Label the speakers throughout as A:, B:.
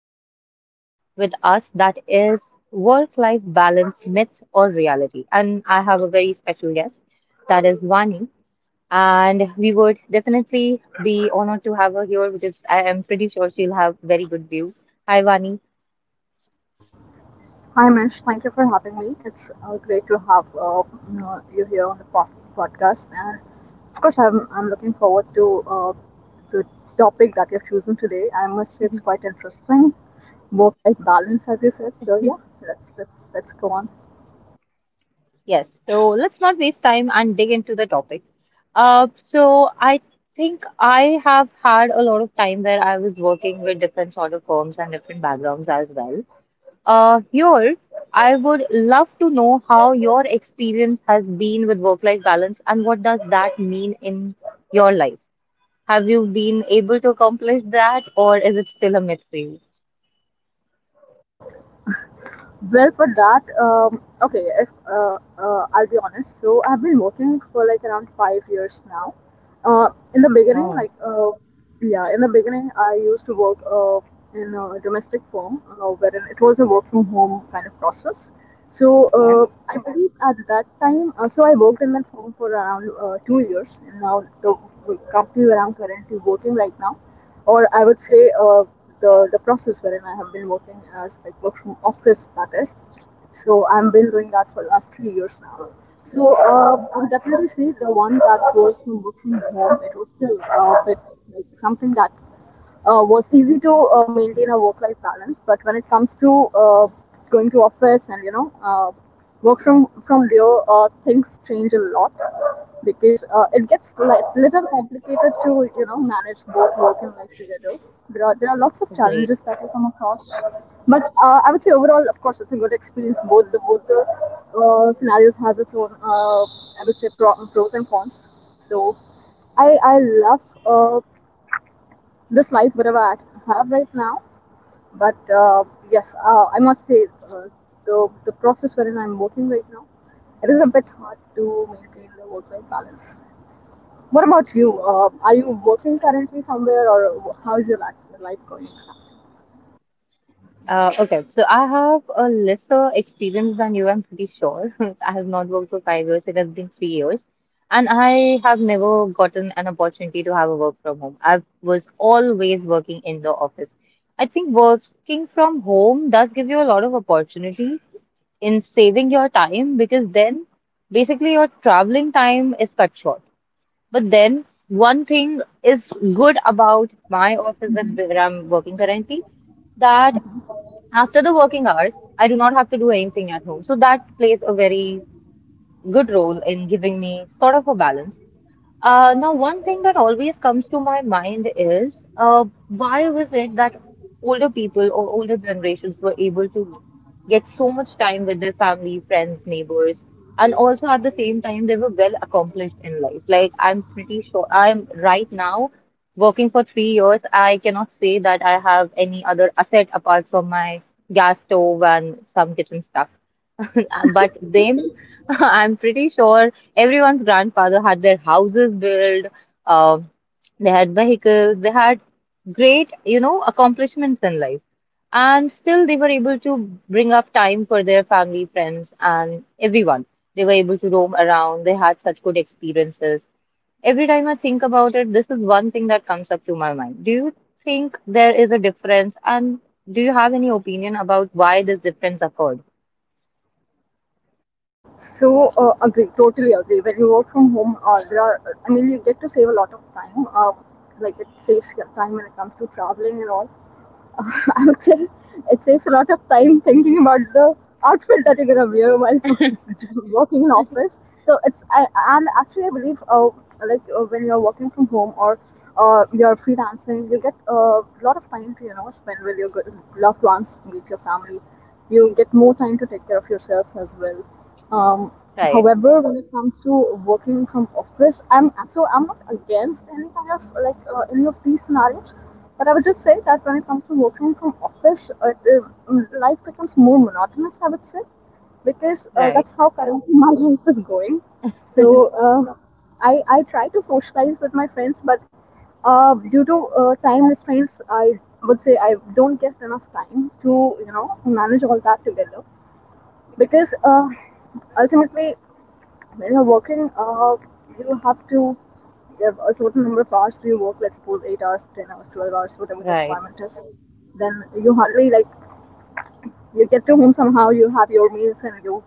A: interesting topic with us, that is work-life balance: myth or reality? And I have a very special guest, that is Vani, and we would definitely be honored to have her here because I am pretty sure she'll have very good views. Hi Vani.
B: Hi, Mish. Thank you for having me. It's great to have you here on the podcast. And of course, I'm looking forward to the topic that you've chosen today. I must say it's quite interesting. Work-life balance, as you said. So yeah, let's go on.
A: Yes, so let's not waste time and dig into the topic. So I think I have had a lot of time where I was working with different sort of firms and different backgrounds as well. Here, I would love to know how your experience has been with work-life balance and what does that mean in your life? Have you been able to accomplish that, or is it still a myth for you?
B: Well, for that, okay, if I'll be honest, so I've been working for like around 5 years now. In the beginning,
A: Oh,
B: yeah, in the beginning, I used to work in a domestic firm, wherein it was a work from home kind of process. So
A: okay,
B: I believe at that time, so I worked in that firm for around 2 years, and now the company where I'm currently working right now, or I would say, uh, the process wherein I have been working as like work from office that is. So I've been doing that for the last 3 years now. So I would definitely say the one that was from work from home, it was still a bit like something that was easy to maintain a work-life balance. But when it comes to going to office and you know work from there, things change a lot because it gets like little complicated to you know manage both work and life together. There are lots of
A: great.
B: challenges that you come across, but I would say overall, of course, it's a good experience. Both the scenarios has its own I would say pros and cons. So I love this life whatever I have right now, but yes, I must say uh, the process wherein I'm working right now, it is a bit hard to maintain the work life balance. What about you? Are you working currently somewhere, or how's your life going?
A: Okay, so I have a lesser experience than you, I'm pretty sure. I have not worked for 5 years, it has been 3 years. And I have never gotten an opportunity to have a work from home. I was always working in the office. I think working from home does give you a lot of opportunity in saving your time, because then basically your traveling time is cut short. But then one thing is good about my office that where I'm working currently that. After the working hours, I do not have to do anything at home. So that plays a very good role in giving me sort of a balance. Now, one thing that always comes to my mind is, why was it that older people or older generations were able to get so much time with their family, friends, neighbors, and also at the same time, they were well accomplished in life. Like, I'm pretty sure I'm right now working for 3 years. I cannot say that I have any other asset apart from my gas stove and some kitchen stuff. But then I'm pretty sure everyone's grandfather had their houses built, um, they had vehicles, they had great accomplishments in life. And still they were able to bring up time for their family, friends, and everyone. They were able to roam around, they had such good experiences. Every time I think about it, this is one thing that comes up to my mind. Do you think there is a difference? And do you have any opinion about why this difference occurred?
B: So, totally agree. When you work from home, there are, I mean, you get to save a lot of time. Like it saves your time when it comes to traveling and all. I would say it takes a lot of time thinking about the outfit that you're gonna wear while working in office. So and actually I believe when you're working from home or you're freelancing, you get a lot of time to you know spend with your good loved ones, with your family. You get more time to take care of yourselves as well. Um,
A: Right,
B: However, when it comes to working from office, I'm not against any kind of any of these scenarios, but I would just say that when it comes to working from office, life becomes more monotonous, I would say, because
A: right.
B: that's how currently my life is going. So I try to socialize with my friends, but due to time restraints, I would say I don't get enough time to, you know, manage all that together. Because ultimately, when you're working, you have to give a certain number of hours to your work, let's suppose 8 hours, 10 hours, 12 hours, whatever the
A: Right,
B: requirement is. Then you hardly like, you get to home somehow, you have your meals and you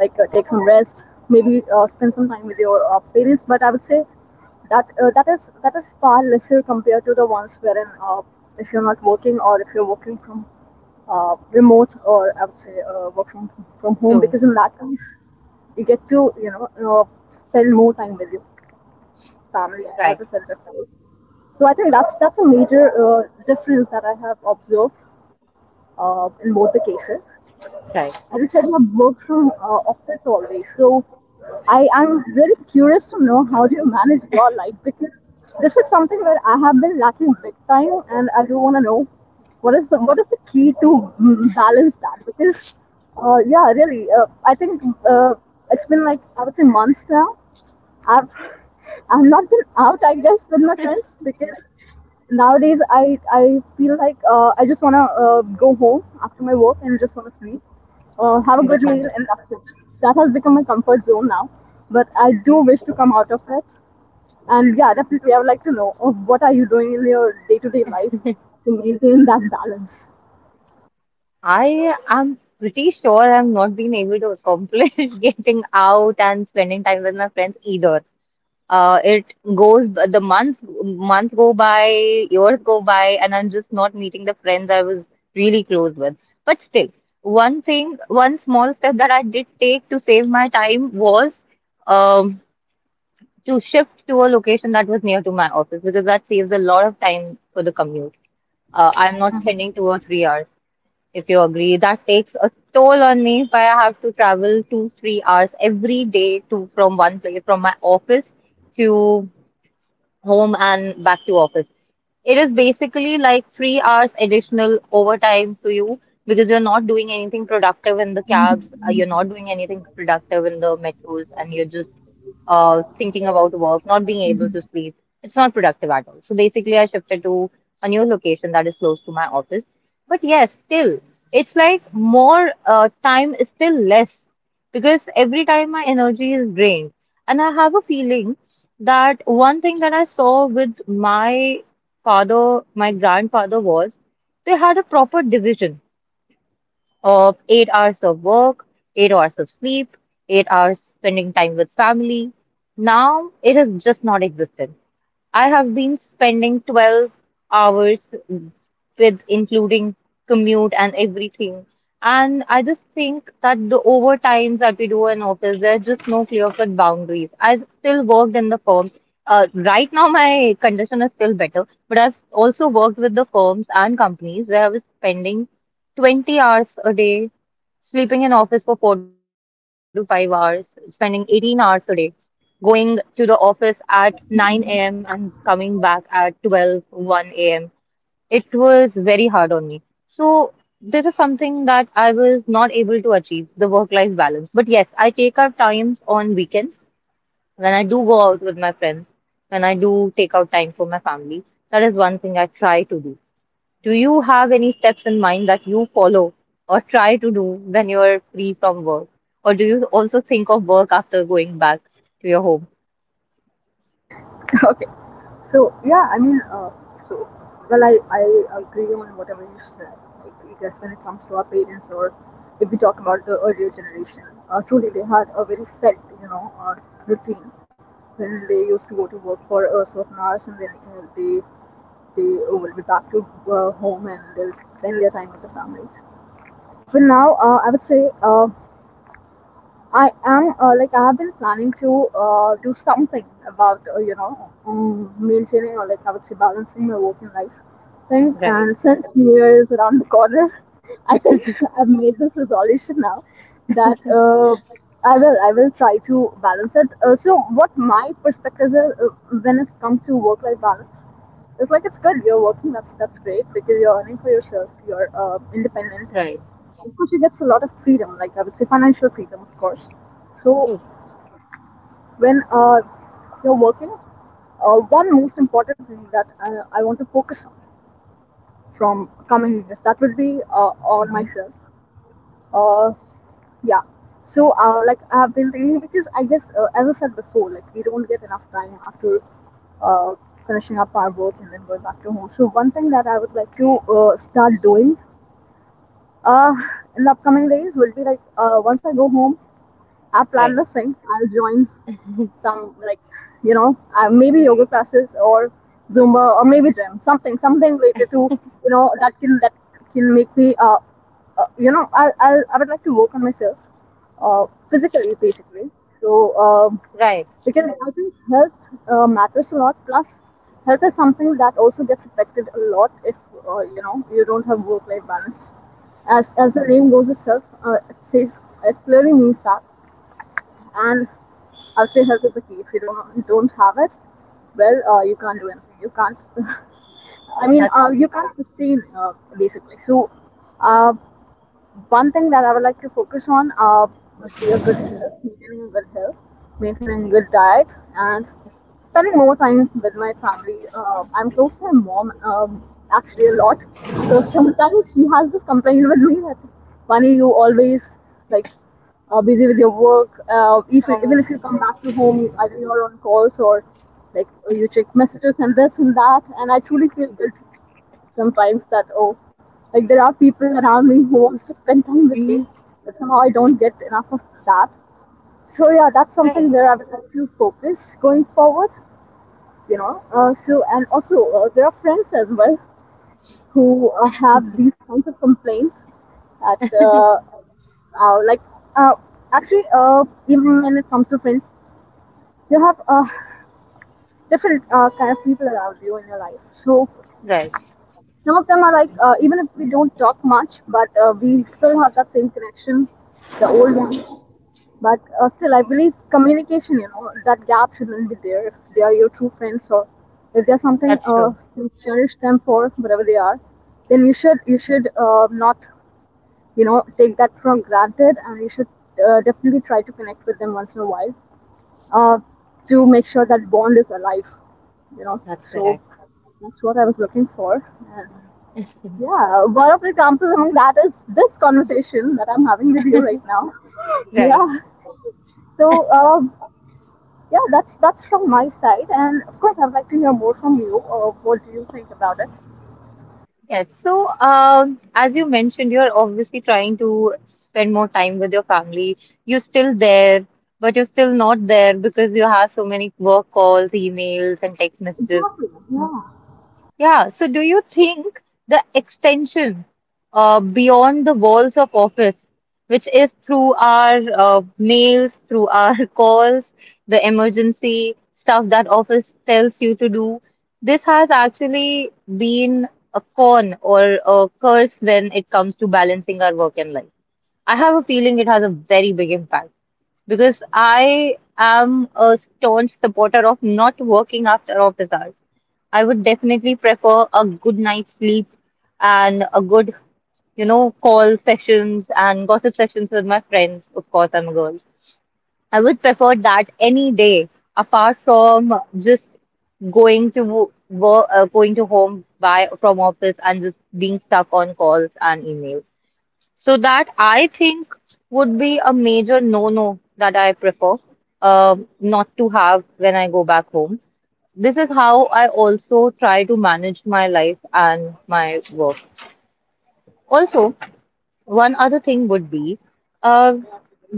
B: like take some rest, maybe spend some time with your parents. But I would say that that is far lesser compared to the ones wherein if you're not working or if you're working from remote or I would say work from home
A: true,
B: because in that case you get to you know uh, spend more time with your family,
A: right,
B: as I said before. So I think that's a major difference that I have observed in both the cases.
A: right.
B: As I said, I work from office always, so I am really curious to know how do you manage your life because this is something where I have been lacking big time, and I do want to know what is the key to balance that because I think uh, it's been like I would say months now I've I've not been out, I guess, with my friends because nowadays I feel like I just wanna go home after my work and just wanna sleep, have a good meal,
A: Understandable.
B: and that's it. That has become my comfort zone now. But I do wish to come out of it, and yeah, definitely I would like to know what are you doing in your day-to-day life to maintain that balance.
A: I am pretty sure I've not been able to accomplish getting out and spending time with my friends either. It goes, the months go by, years go by, and I'm just not meeting the friends I was really close with. But still, one thing, one small step that I did take to save my time was um, to shift to a location that was near to my office, because that saves a lot of time for the commute. I'm not spending 2 or 3 hours. If you agree, that takes a toll on me. If I have to travel two, 3 hours every day to from one place, from my office to home and back to office. It is basically like 3 hours additional overtime to you, because you're not doing anything productive in the cabs, you're not doing anything productive in the metros, and you're just thinking about work, not being able to sleep. It's not productive at all. So basically, I shifted to a new location that is close to my office. But yes, still, it's like more time is still less, because every time my energy is drained. And I have a feeling that one thing that I saw with my father, my grandfather was they had a proper division of 8 hours of work, 8 hours of sleep, 8 hours spending time with family. Now it is just not existent. I have been spending 12 hours with including commute and everything. And I just think that the overtimes that we do in office, there's just no clear-cut boundaries. I still worked in the firms. Right now, my condition is still better, but I've also worked with the firms and companies where I was spending 20 hours a day, sleeping in office for 4 to 5 hours, spending 18 hours a day, going to the office at 9 a.m. and coming back at 12, a.m. It was very hard on me. So, this is something that I was not able to achieve, the work life balance. But yes, I take out times on weekends when I do go out with my friends, when I do take out time for my family. That is one thing I try to do. Do you have any steps in mind that you follow or try to do when you're free from work? Or do you also think of work after going back to your home?
B: Okay. So yeah, so I agree on whatever you said. Like I guess when it comes to our parents, or if we talk about the earlier generation, truly they had a very set, you know, routine when they used to go to work for a certain hours, and then they will be back to home and they'll spend their time with the family. So now, I would say. I am I have been planning to do something about maintaining or like I would say balancing my working life thing.
A: Right,
B: And since New Year is around the corner, I think I've made this resolution now that I will try to balance it. So what my perspective is when it comes to work life balance, it's like it's good. You're working. That's great because you're earning for yourself. You're independent, and
A: right.
B: of course, you get a lot of freedom. Like I would say, financial freedom, of course. So
A: True.
B: when you're working, one most important thing that I want to focus on from coming years that would be on
A: Hmm.
B: myself. Uh, Yeah. So, like I've been reading because I guess, as I said before, like we don't get enough time after uh, finishing up our work and then going back to home. So, one thing that I would like to start doing uh, in the upcoming days will be like once I go home, I plan
A: Right,
B: this thing. I'll join some like maybe yoga classes or zumba or maybe gym, something related to you know that can make me I would like to work on myself uh physically basically, so
A: right.
B: because I think health matters a lot, plus health is something that also gets affected a lot if you know you don't have work life balance, as the name goes itself, it says it clearly means that, and I'll say help with the key. If you don't have it, well, you can't do anything. You can't. I mean,
A: That's true.
B: you can't sustain basically. So, uh, one thing that I would like to focus on would be a good health, maintaining good health, maintaining good diet, and spending more time with my family. I'm close to my mom actually a lot, so sometimes she has this complaint with me that Vani, you always like are busy with your work. Even
A: Uh,
B: even if you come back to home, either you're on calls or like you check messages and this and that. And I truly feel guilty sometimes that oh like there are people around me who wants to spend time with me
A: mhm.
B: but somehow I don't get enough of that, so yeah, that's
A: Right,
B: something where I would like to focus going forward, you know. So, and also there are friends as well who have these kinds of complaints that like uh, actually even when it comes to friends you have different kind of people around you in your life. So
A: right.
B: some of them are like, even if we don't talk much, but we still have that same connection, the old ones. But still, I believe communication, you know, that gap shouldn't be there if they are your true friends or if there's something
A: That's true.
B: you cherish them for, whatever they are, then you should not, you know, take that for granted and you should definitely try to connect with them once in a while uh, to make sure that bond is alive, you know.
A: That's
B: So
A: correct.
B: that's what I was looking for. And yeah, one of the examples among that is this conversation that I'm having with you right now.
A: Right.
B: Yeah. So, yeah, that's from my side, and of course, I'd like to hear more from you. What do you think about it?
A: Yes. So, as you mentioned, you're obviously trying to spend more time with your family. You're still there, but you're still not there because you have so many work calls, emails, and text messages.
B: Exactly. Yeah.
A: Yeah, so do you think the extension beyond the walls of office, which is through our mails, through our calls, the emergency stuff that office tells you to do, this has actually been a con or a curse when it comes to balancing our work and life? I have a feeling it has a very big impact, because I am a staunch supporter of not working after office hours. I would definitely prefer a good night's sleep and a good call sessions and gossip sessions with my friends. Of course, I'm a girl. I would prefer that any day, apart from just going to work, going to home by from office and just being stuck on calls and emails. So that I think would be a major no-no that I prefer not to have when I go back home. This is how I also try to manage my life and my work. Also, one other thing would be, uh,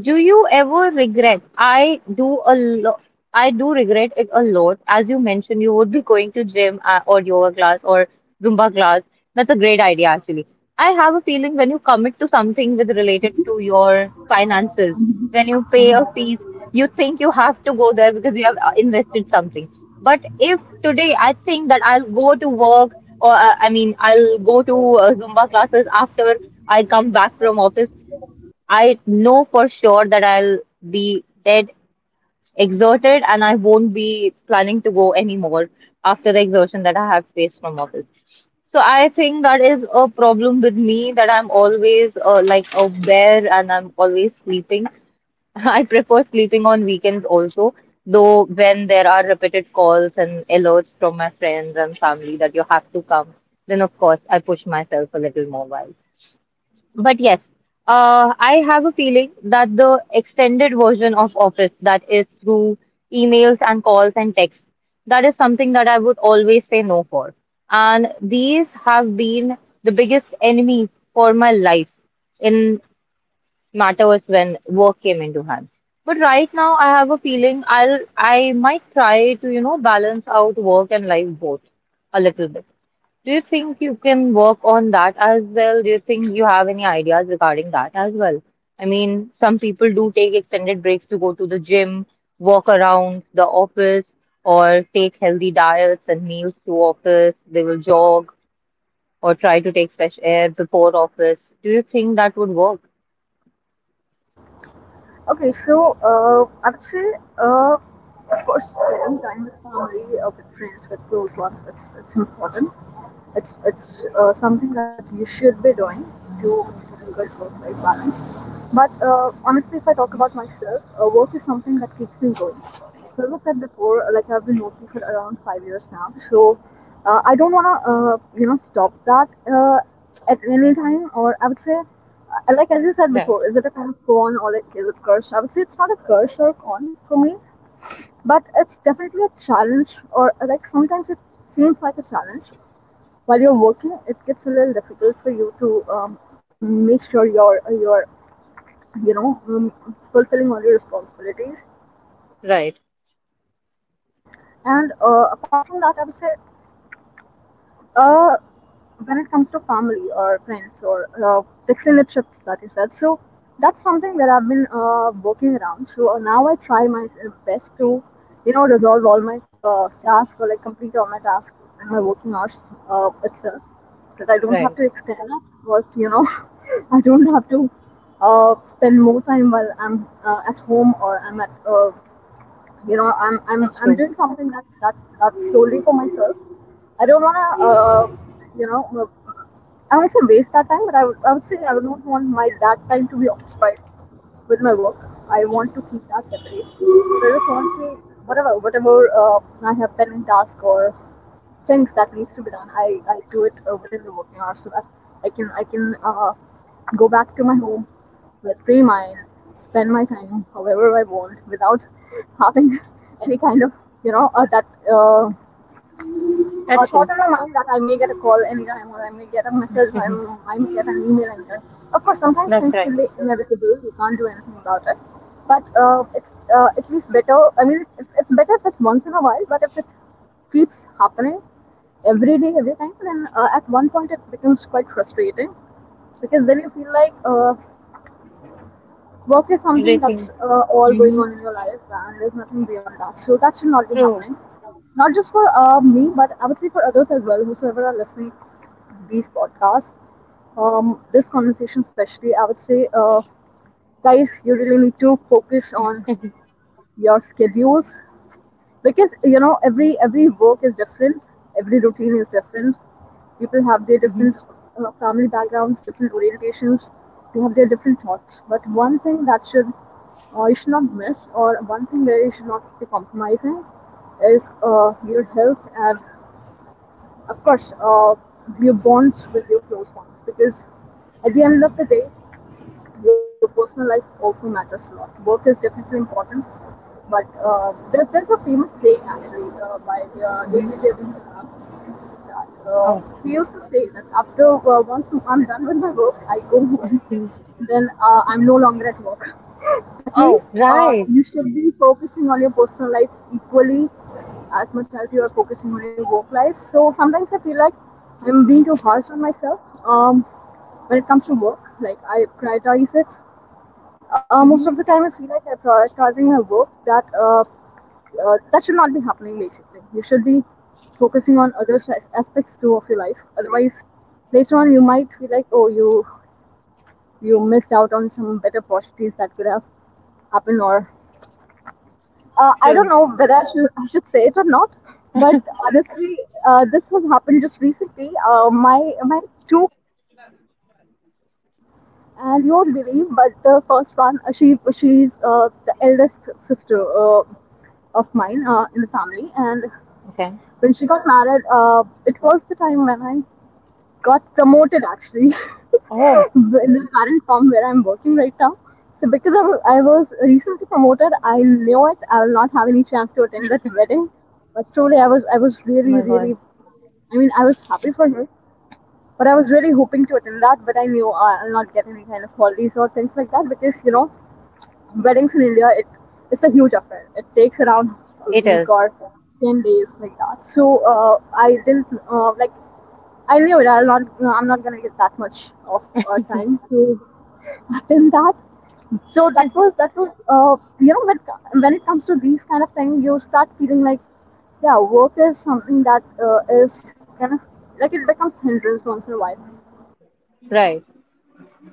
A: do you ever regret? I do a lot. I do regret it a lot. As you mentioned, you would be going to gym or yoga class or Zumba class. That's a great idea, actually. I have a feeling when you commit to something with related to your finances, when you pay a fees, you think you have to go there because you have invested something. But if today I think that I'll go to work or I mean I'll go to Zumba classes after I come back from office, I know for sure that I'll be dead exhausted and I won't be planning to go anymore after the exhaustion that I have faced from office. So I think that is a problem with me, that I'm always like a bear and I'm always sleeping. I prefer sleeping on weekends also, though when there are repeated calls and alerts from my friends and family that you have to come, then of course I push myself a little more while. But yes, I have a feeling that the extended version of Office, that is through emails and calls and texts, that is something that I would always say no for. And these have been the biggest enemy for my life in matters when work came into hand. But right now, I have a feeling I might try to balance out work and life both a little bit. Do you think you can work on that as well? Do you think you have any ideas regarding that as well? I mean, some people do take extended breaks to go to the gym, walk around the office, or take healthy diets and meals to office. They will jog or try to take fresh air before office. Do you think that would work?
B: Okay. Of course, spending time with family, with friends, with close ones, it's important. It's something that you should be doing to improving good work-life balance. But honestly, if I talk about myself, work is something that keeps me going. So as I said before, like I've been working for around 5 years now. So I don't wanna stop that at any time. Or I would say, like as you said
A: Right,
B: before, is it a kind of con or like is it curse? I would say it's not a curse or a con for me, but it's definitely a challenge. Or like sometimes it seems like a challenge while you're working, it gets a little difficult for you to make sure you're you know um, fulfilling all your responsibilities.
A: right,
B: And apart from that, I would say uh, when it comes to family or friends or the extended trips that you said, so that's something that I've been working around. So now I try my best to resolve all my tasks or like complete all my tasks in my working hours itself. That I don't have
A: right.
B: to extend it, but I don't have to spend more time while I'm at home or I'm at I'm I'm
A: That's
B: I'm
A: true.
B: doing something that that's solely for myself. I don't wanna you know uh, I won't say waste that time, but I would say I would not want my that time to be occupied with my work. I want to keep that separate. So I just want to whatever I have pending task or things that needs to be done, I do it within the working hours so that I can go back to my home that free my spend my time however I want without having any kind of that uh,
A: That's
B: thought in
A: true.
B: my mind that I may get a call anytime or I may get a message or I may get an email anytime. Of course, sometimes
A: That's
B: things
A: right.
B: can be inevitable. You can't do anything about it. But it's at least better. I mean, it's better if it's once in a while. But if it keeps happening every day, every time, then at one point it becomes quite frustrating because then you feel like work is something
A: Everything.
B: that's all going
A: Mm-hmm.
B: on in your life, and there's nothing beyond that. So that should not be
A: True.
B: happening. Not just for me, but I would say for others as well, whosoever are listening to these podcasts, this conversation especially, I would say, guys, you really need to focus on your schedules because every work is different, every routine is different, people have their different
A: Mm-hmm.
B: family backgrounds, different orientations, they have their different thoughts. But one thing that should you should not miss, or one thing that you should not be compromising, is your health and, of course, your bonds with your close ones. Because at the end of the day, your personal life also matters a lot. Work is definitely important, but there's a famous saying actually by
A: Mm-hmm.
B: APJ Abdul Kalam uh,
A: Oh.
B: he to say that after once I'm done with my work, I go home. Then I'm no longer at work. That means
A: Oh, right.
B: you should be focusing on your personal life equally as much as you are focusing on your work life. So sometimes I feel like I'm being too harsh on myself um, when it comes to work. Like I prioritize it most
A: Mm-hmm.
B: of the time, I feel like I'm prioritizing my work. That that should not be happening. Basically, you should be focusing on other aspects too of your life. Otherwise, later on, you might feel like, oh, you missed out on some better opportunities that could have happened. Or I don't
A: True.
B: know whether I should say it or not. But honestly, this has happened just recently. My two and you won't believe, but the first one, she's the eldest sister of mine in the family. And
A: Okay.
B: when she got married, it was the time when I got promoted actually
A: Oh,
B: in the current firm where I'm working right now. So because of, I was recently promoted, I knew it. I will not have any chance to attend that wedding. But truly, I was
A: oh
B: really
A: my God.
B: really I mean, I was happy for her. But I was really hoping to attend that, but I knew I'll not get any kind of holidays or things like that because weddings in India it's a huge affair. It takes around a
A: It
B: week
A: is.
B: or 10 days like that. So I didn't like I knew it. I'm not gonna get that much of time to attend that. So that was when it comes to these kind of things, you start feeling like yeah, work is something that is kind of like it becomes hindrance once in a while.
A: Right,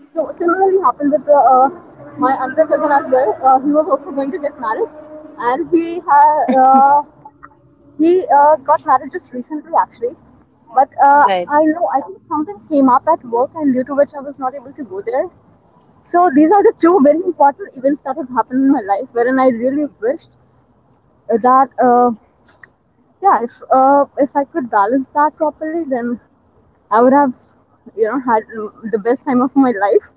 B: So similarly happened with my another cousin as well. He was also going to get married, and he got married just recently actually. But
A: right,
B: I know I think something came up at work, and due to which I was not able to go there. So these are the two very important events that has happened in my life, wherein I really wished that yeah, if I could balance that properly, then I would have, had the best time of my life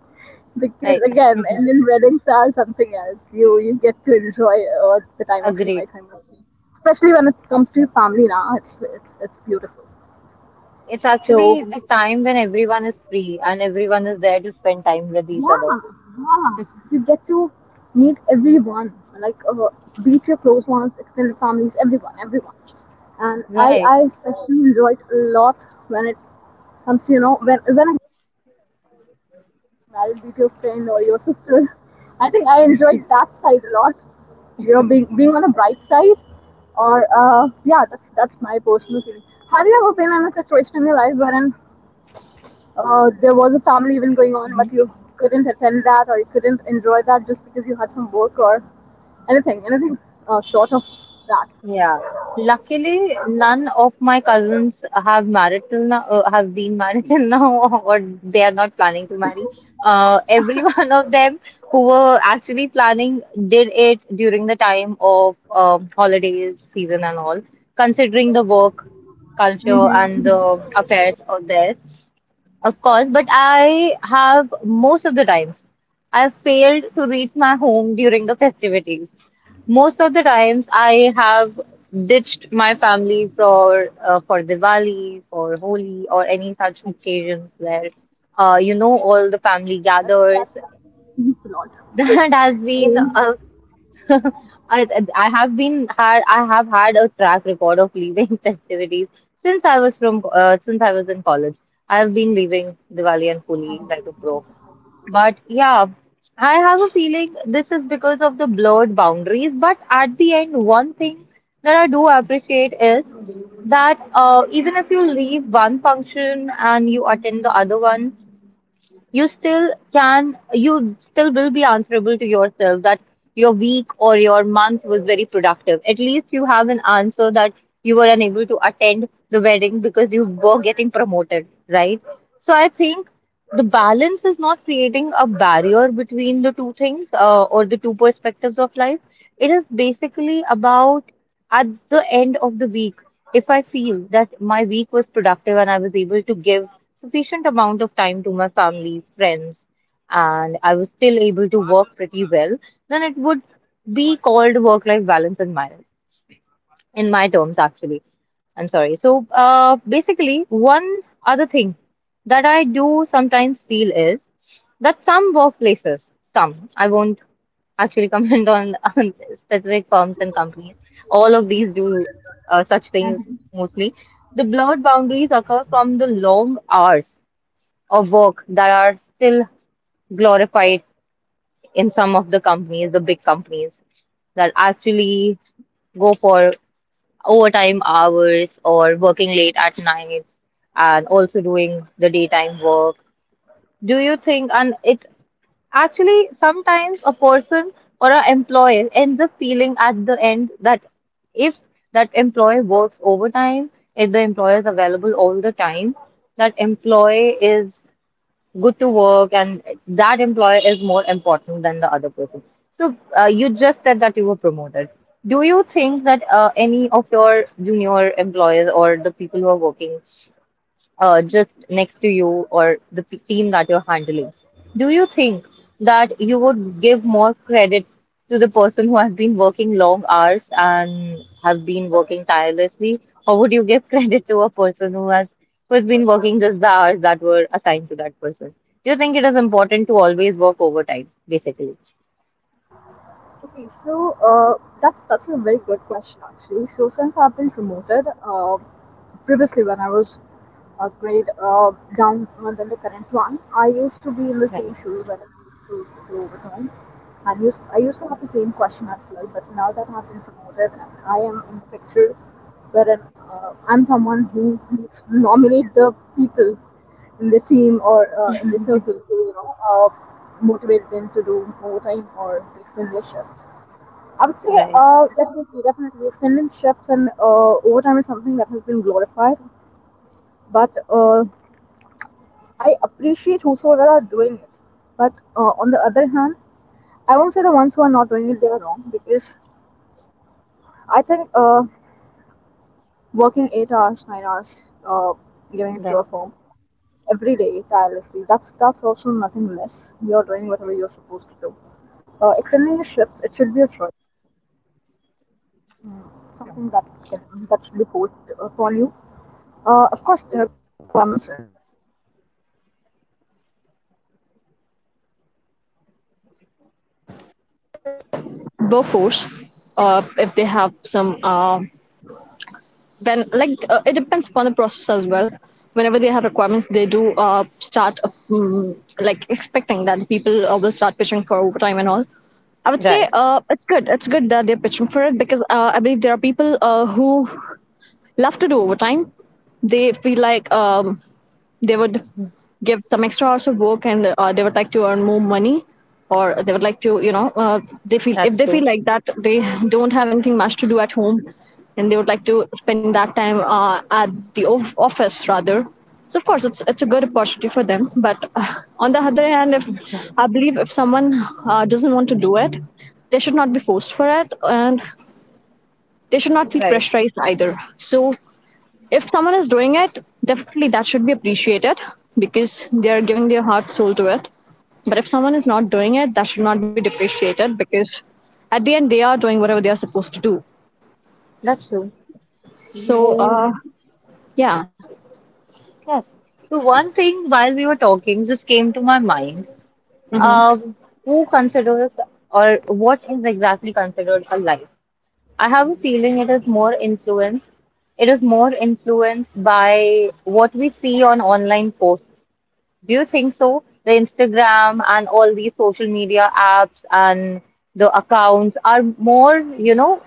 B: because
A: right.
B: again, Indian weddings are something else. You get to enjoy the time of your
A: Agreed.
B: life. I must say, especially when it comes to your family. Now it's it's beautiful.
A: It's actually
B: So
A: the time when everyone is free and everyone is there to spend time with each other.
B: yeah, yeah, you get to meet everyone, like be it your close ones, extended families, everyone, everyone. And I
A: Right.
B: I especially enjoyed a lot when it comes to when I married with your friend or your sister. I think I enjoyed that side a lot. You know, being on a bright side, or yeah, that's my personal feeling. Have you ever been in a situation in your life wherein there was a family event going on, but you couldn't attend that or you couldn't enjoy that just because you had some work or anything sort of that?
A: Yeah. Luckily, none of my cousins have married till now, have been married till now, or they are not planning to marry. Every one of them who were actually planning did it during the time of holidays season and all, considering the work culture
B: Mm-hmm,
A: and the
B: mm-hmm.
A: affairs out there. Of course, but I have most of the times I failed to reach my home during the festivities. Most of the times I have ditched my family for for Diwali, for Holi, or any such occasions where you know all the family
B: That's
A: gathers.
B: that happens a lot.
A: That has been a
B: Mhm.
A: I I have had a track record of leaving festivities since I was from since I was in college. I have been leaving Diwali and Holi like a pro. But yeah, I have a feeling this is because of the blurred boundaries. But at the end, one thing that I do appreciate is that even if you leave one function and you attend the other one, you still will be answerable to yourself that your week or your month was very productive. At least you have an answer that you were unable to attend the wedding because you were getting promoted, right? So I think the balance is not creating a barrier between the two things, or the two perspectives of life. It is basically about, at the end of the week, if I feel that my week was productive and I was able to give sufficient amount of time to my family, friends, and I was still able to work pretty well, then it would be called work life balance in my terms actually. I'm sorry. So basically one other thing that I do sometimes feel is that some workplaces, some I won't actually comment on on specific firms and companies. All of these do such things mostly. The blurred boundaries occur from the long hours of work that are still glorified in some of the companies, the big companies that actually go for overtime hours or working late at night and also doing the daytime work. Do you think? And it actually sometimes a person or an employee ends up feeling at the end that if that employee works overtime, if the employer is available all the time, that employee is good to work and that employer is more important than the other person. So you just said that you were promoted. Do you think that any of your junior employees or the people who are working just next to you, or the team that you're handling, do you think that you would give more credit to the person who has been working long hours and have been working tirelessly, or would you give credit to a person who has been working just the hours that were assigned to that person? Do you think it is important to always work overtime, basically?
B: Okay, so uh, that's a very good question actually. So since I've been promoted, uh, previously when I was a grade down than the current one, I used to be in the
A: Right,
B: same shoes when I used to do overtime. I used to have the same question as well, but now that I've been promoted, I am in the picture wherein I'm someone who needs to nominate the people in the team or in the circle who motivate them to do overtime or extend their shifts. I would say,
A: right,
B: definitely, definitely. Cinnamon shifts and overtime is something that has been glorified. But I appreciate whosoever are doing it. But on the other hand, I won't say the ones who are not doing it, they are wrong. Because I think working 8 hours, 9 hours, uh, giving it to a
A: right.
B: firm every day tirelessly, that's also nothing less. You're doing whatever you're supposed to do. Extending your shifts, it should be a choice. Mm,
A: Yeah.
B: something that, can, that should be forced upon you. Of course, there are requirements workforce if they have some when it depends upon the process as well. Whenever they have requirements, they do start like expecting that the people will start pitching for overtime and all. I would say
A: Right.
B: it's good, it's good that they're pitching for it, because I believe there are people who love to do overtime. They feel like they would give some extra hours of work and they would like to earn more money, or they would like to they feel,
A: That's
B: if they
A: true.
B: feel like that they don't have anything much to do at home and they would like to spend that time at office rather. So of course it's a good opportunity for them, but on the other hand, if I believe if someone doesn't want to do it, they should not be forced for it, and they should not feel
A: Right.
B: pressurized either. So if someone is doing it, definitely that should be appreciated, because they are giving their heart soul to it. But if someone is not doing it, that should not be depreciated, because at the end they are doing whatever they are supposed to do.
A: That's true.
B: So yeah.
A: Yes. So one thing while we were talking just came to my mind. Um, who considers or what is exactly considered a life? I have a feeling it is more influenced. It is more influenced by what we see on online posts. Do you think so? The Instagram and all these social media apps and the accounts are more, you know,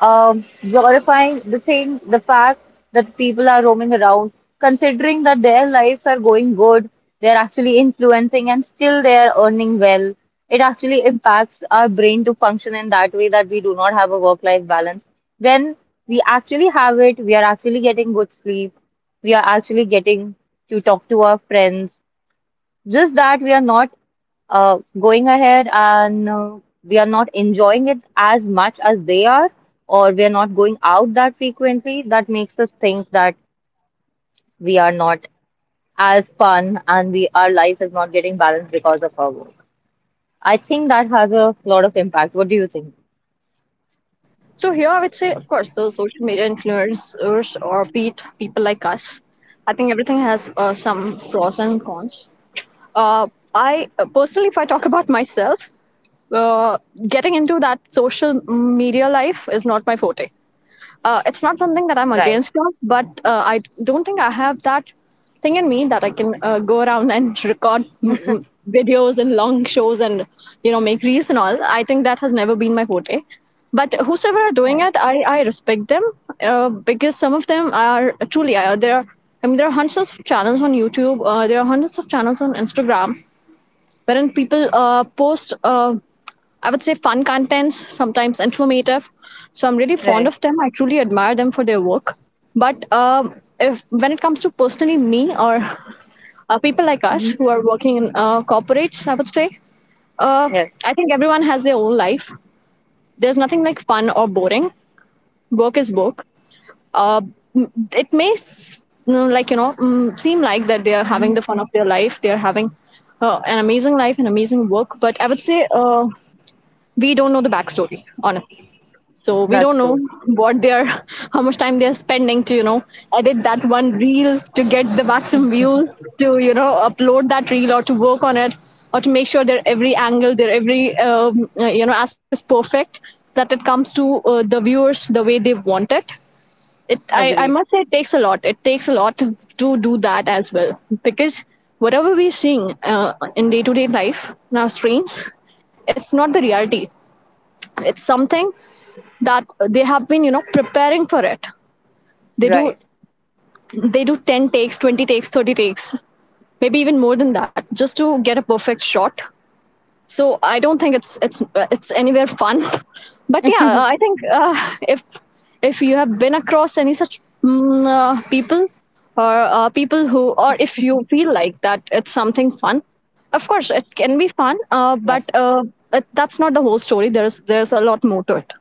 A: um, glorifying the thing, the fact that people are roaming around, considering that their lives are going good, they're actually influencing and still they're earning well. It actually impacts our brain to function in that way that we do not have a work-life balance. When we actually have it, we are actually getting good sleep, we are actually getting to talk to our friends, just that we are not going ahead and we are not enjoying it as much as they are, or we are not going out that frequently, that makes us think that we are not as fun and we our life is not getting balanced because of our work. I think that has a lot of impact. What do you think?
B: So here I would say, of course, those social media influencers or be it people like us, I think everything has some pros and cons. Uh, I, personally, if I talk about myself, uh, getting into that social media life is not my forte. It's not something that I'm
A: Right,
B: against of, but I don't think I have that thing in me that I can go around and record videos and long shows and you know make reels and all. I think that has never been my forte. But whosoever are doing
A: right,
B: it, I respect them because some of them are truly there. I mean, there are hundreds of channels on YouTube. There are hundreds of channels on Instagram, wherein people post, I would say, fun contents, sometimes informative. So I'm really fond
A: right.
B: of them. I truly admire them for their work. But if when it comes to personally me or people like us who are working in corporates, I would say, uh,
A: Yes,
B: I think everyone has their own life. There's nothing like fun or boring. Work is work. uh, it may like you know seem like that they are having the fun of their life, they are having an amazing life, an amazing work, but I would say we don't know the backstory honestly, so we
A: that's
B: don't know
A: true.
B: what they are. How much time they are spending to you know edit that one reel to get the maximum views, to you know upload that reel or to work on it, or to make sure their every angle, their every you know aspect is perfect, so that it comes to the viewers the way they want it. I
A: Agreed.
B: must say it takes a lot, it takes a lot to do that as well, because whatever we're seeing in day-to-day life in our screens, it's not the reality. It's something that they have been you know preparing for it. they do
A: Right.
B: they do 10 takes, 20 takes, 30 takes, maybe even more than that, just to get a perfect shot. So I don't think it's anywhere fun. But yeah, I think if if you have been across any such people, or people who, or if you feel like that it's something fun, of course it can be fun, uh, but
A: Yes.
B: uh, that's not the whole story. There's a lot more to it.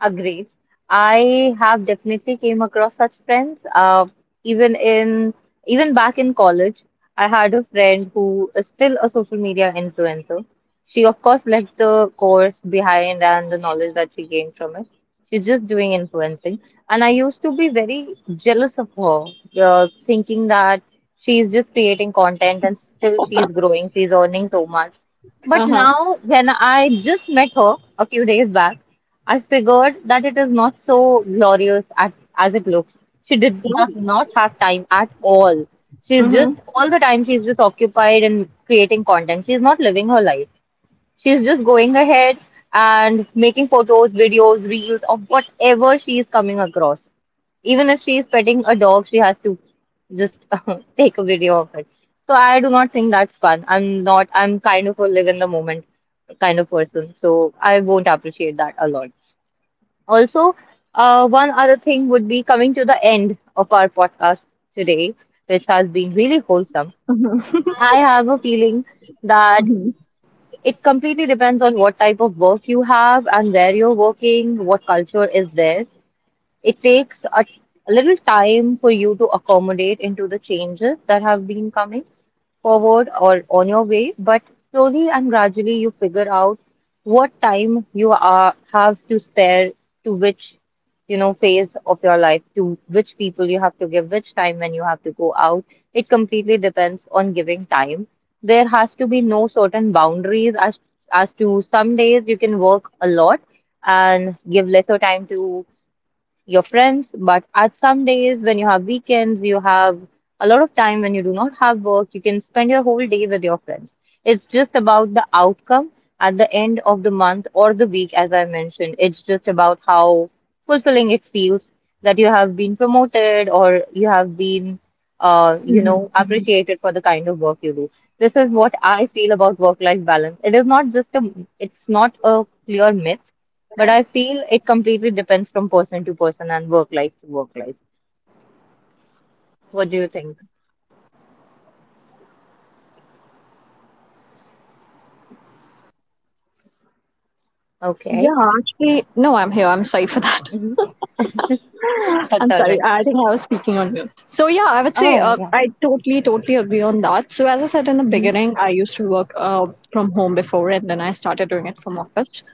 A: Agreed. I have definitely came across such friends. Even in, even back in college, I had a friend who is still a social media influencer. She of course left the course behind and the knowledge that she gained from it. She's just doing influencing, and I used to be very jealous of her, thinking that she's just creating content and still she's growing, she's earning so much. But
B: Uh-huh.
A: now, when I just met her a few days back, I figured that it is not so glorious at, as it looks. She did just not have time at all. She's just,
B: Mm-hmm.
A: all the time, she's just occupied in creating content. She's not living her life. She's just going ahead and making photos, videos, reels of whatever she is coming across. Even if she is petting a dog, she has to just take a video of it. So I do not think that's fun. I'm not, I'm kind of a live in the moment kind of person. So I won't appreciate that a lot. Also, one other thing would be coming to the end of our podcast today, which has been really wholesome.
B: Mm-hmm.
A: I have a feeling that it completely depends on what type of work you have and where you're working, what culture is there. It takes a little time for you to accommodate into the changes that have been coming forward or on your way, but slowly and gradually you figure out what time you are have to spare to which, you know, phase of your life, to which people you have to give which time, when you have to go out. It completely depends on giving time. There has to be no certain boundaries, as to some days you can work a lot and give lesser time to your friends. But at some days, when you have weekends, you have a lot of time, when you do not have work, you can spend your whole day with your friends. It's just about the outcome at the end of the month or the week, as I mentioned. It's just about how fulfilling it feels that you have been promoted or you have been, you know, appreciated for the kind of work you do. This is what I feel about work-life balance. It is not just it's not a clear myth, but I feel it completely depends from person to person and work life to work life. What do you think?
B: Yeah,
A: Okay.
B: actually, no, I'm here, I'm sorry for that.
A: Hmm. That's
B: I'm
A: all
B: sorry.
A: right.
B: I think I was speaking on mute. So yeah, I would say
A: Oh, yeah.
B: I totally, totally agree on that. So as I said in the
A: Hmm.
B: beginning, I used to work from home before, and then I started doing it from office.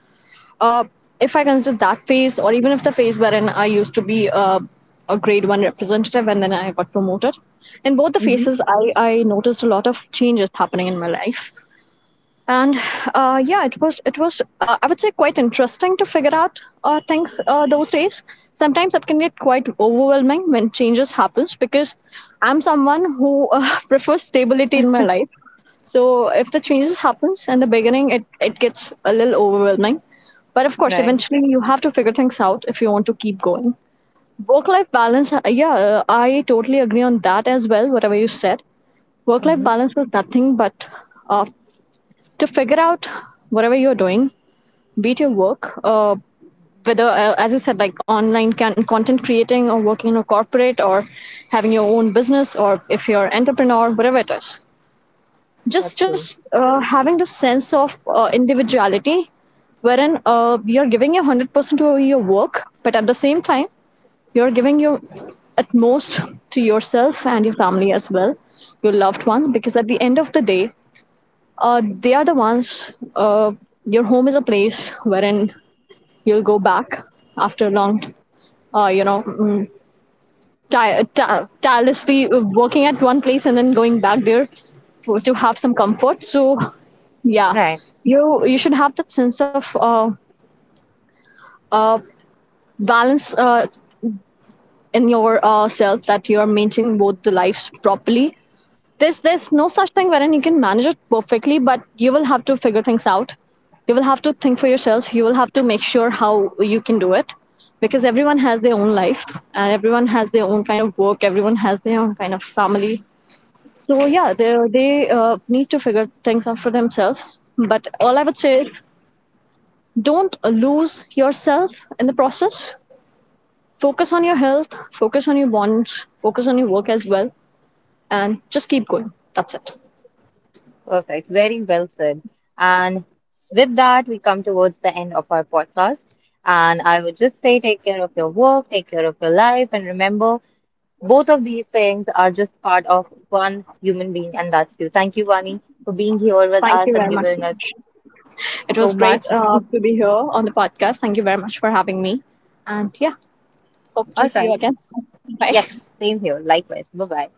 B: Uh, if I consider that phase, or even if the phase wherein I used to be a grade one representative, and then I got promoted, in both the
A: Hmm.
B: phases, I noticed a lot of changes happening in my life. And yeah, it was I would say quite interesting to figure out things those days. Sometimes it can get quite overwhelming when changes happens, because I'm someone who prefers stability in my life. So if the changes happens in the beginning, it gets a little overwhelming, but of course
A: Right.
B: eventually you have to figure things out if you want to keep going. Work life balance, yeah, I totally agree on that as well, whatever you said. Work life
A: Hmm.
B: balance was nothing but uh, to figure out whatever you're doing, be it your work, whether, as you said, like online content creating, or working in a corporate, or having your own business, or if you're an entrepreneur, whatever it is.
A: That's true.
B: Just having the sense of individuality, wherein you're giving your 100% to your work, but at the same time, you're giving your utmost to yourself and your family as well, your loved ones, because at the end of the day, they are the ones. Your home is a place wherein you'll go back after long, you know, tirelessly working at one place, and then going back there for, to have some comfort. So yeah,
A: Right.
B: you should have that sense of uh, balance in yourself, that you're maintaining both the lives properly. There's no such thing wherein you can manage it perfectly, but you will have to figure things out. You will have to think for yourself. You will have to make sure how you can do it, because everyone has their own life, and everyone has their own kind of work. Everyone has their own kind of family. So yeah, they need to figure things out for themselves. But all I would say is, don't lose yourself in the process. Focus on your health, focus on your bonds, focus on your work as well, and just keep going. That's it.
A: Perfect. Very well said. And with that, we come towards the end of our podcast. And I would just say take care of your work, take care of your life, and remember both of these things are just part of one human being, and that's you. Thank you, Vani, for being here with
B: Thank you
A: us and
B: very much.
A: giving us
B: It
A: so
B: was great
A: much.
B: to be here on the podcast. Thank you very much for having me. And yeah, hope
A: All
B: to see you
A: right.
B: again. Bye.
A: Yes, same here. Likewise. Bye bye.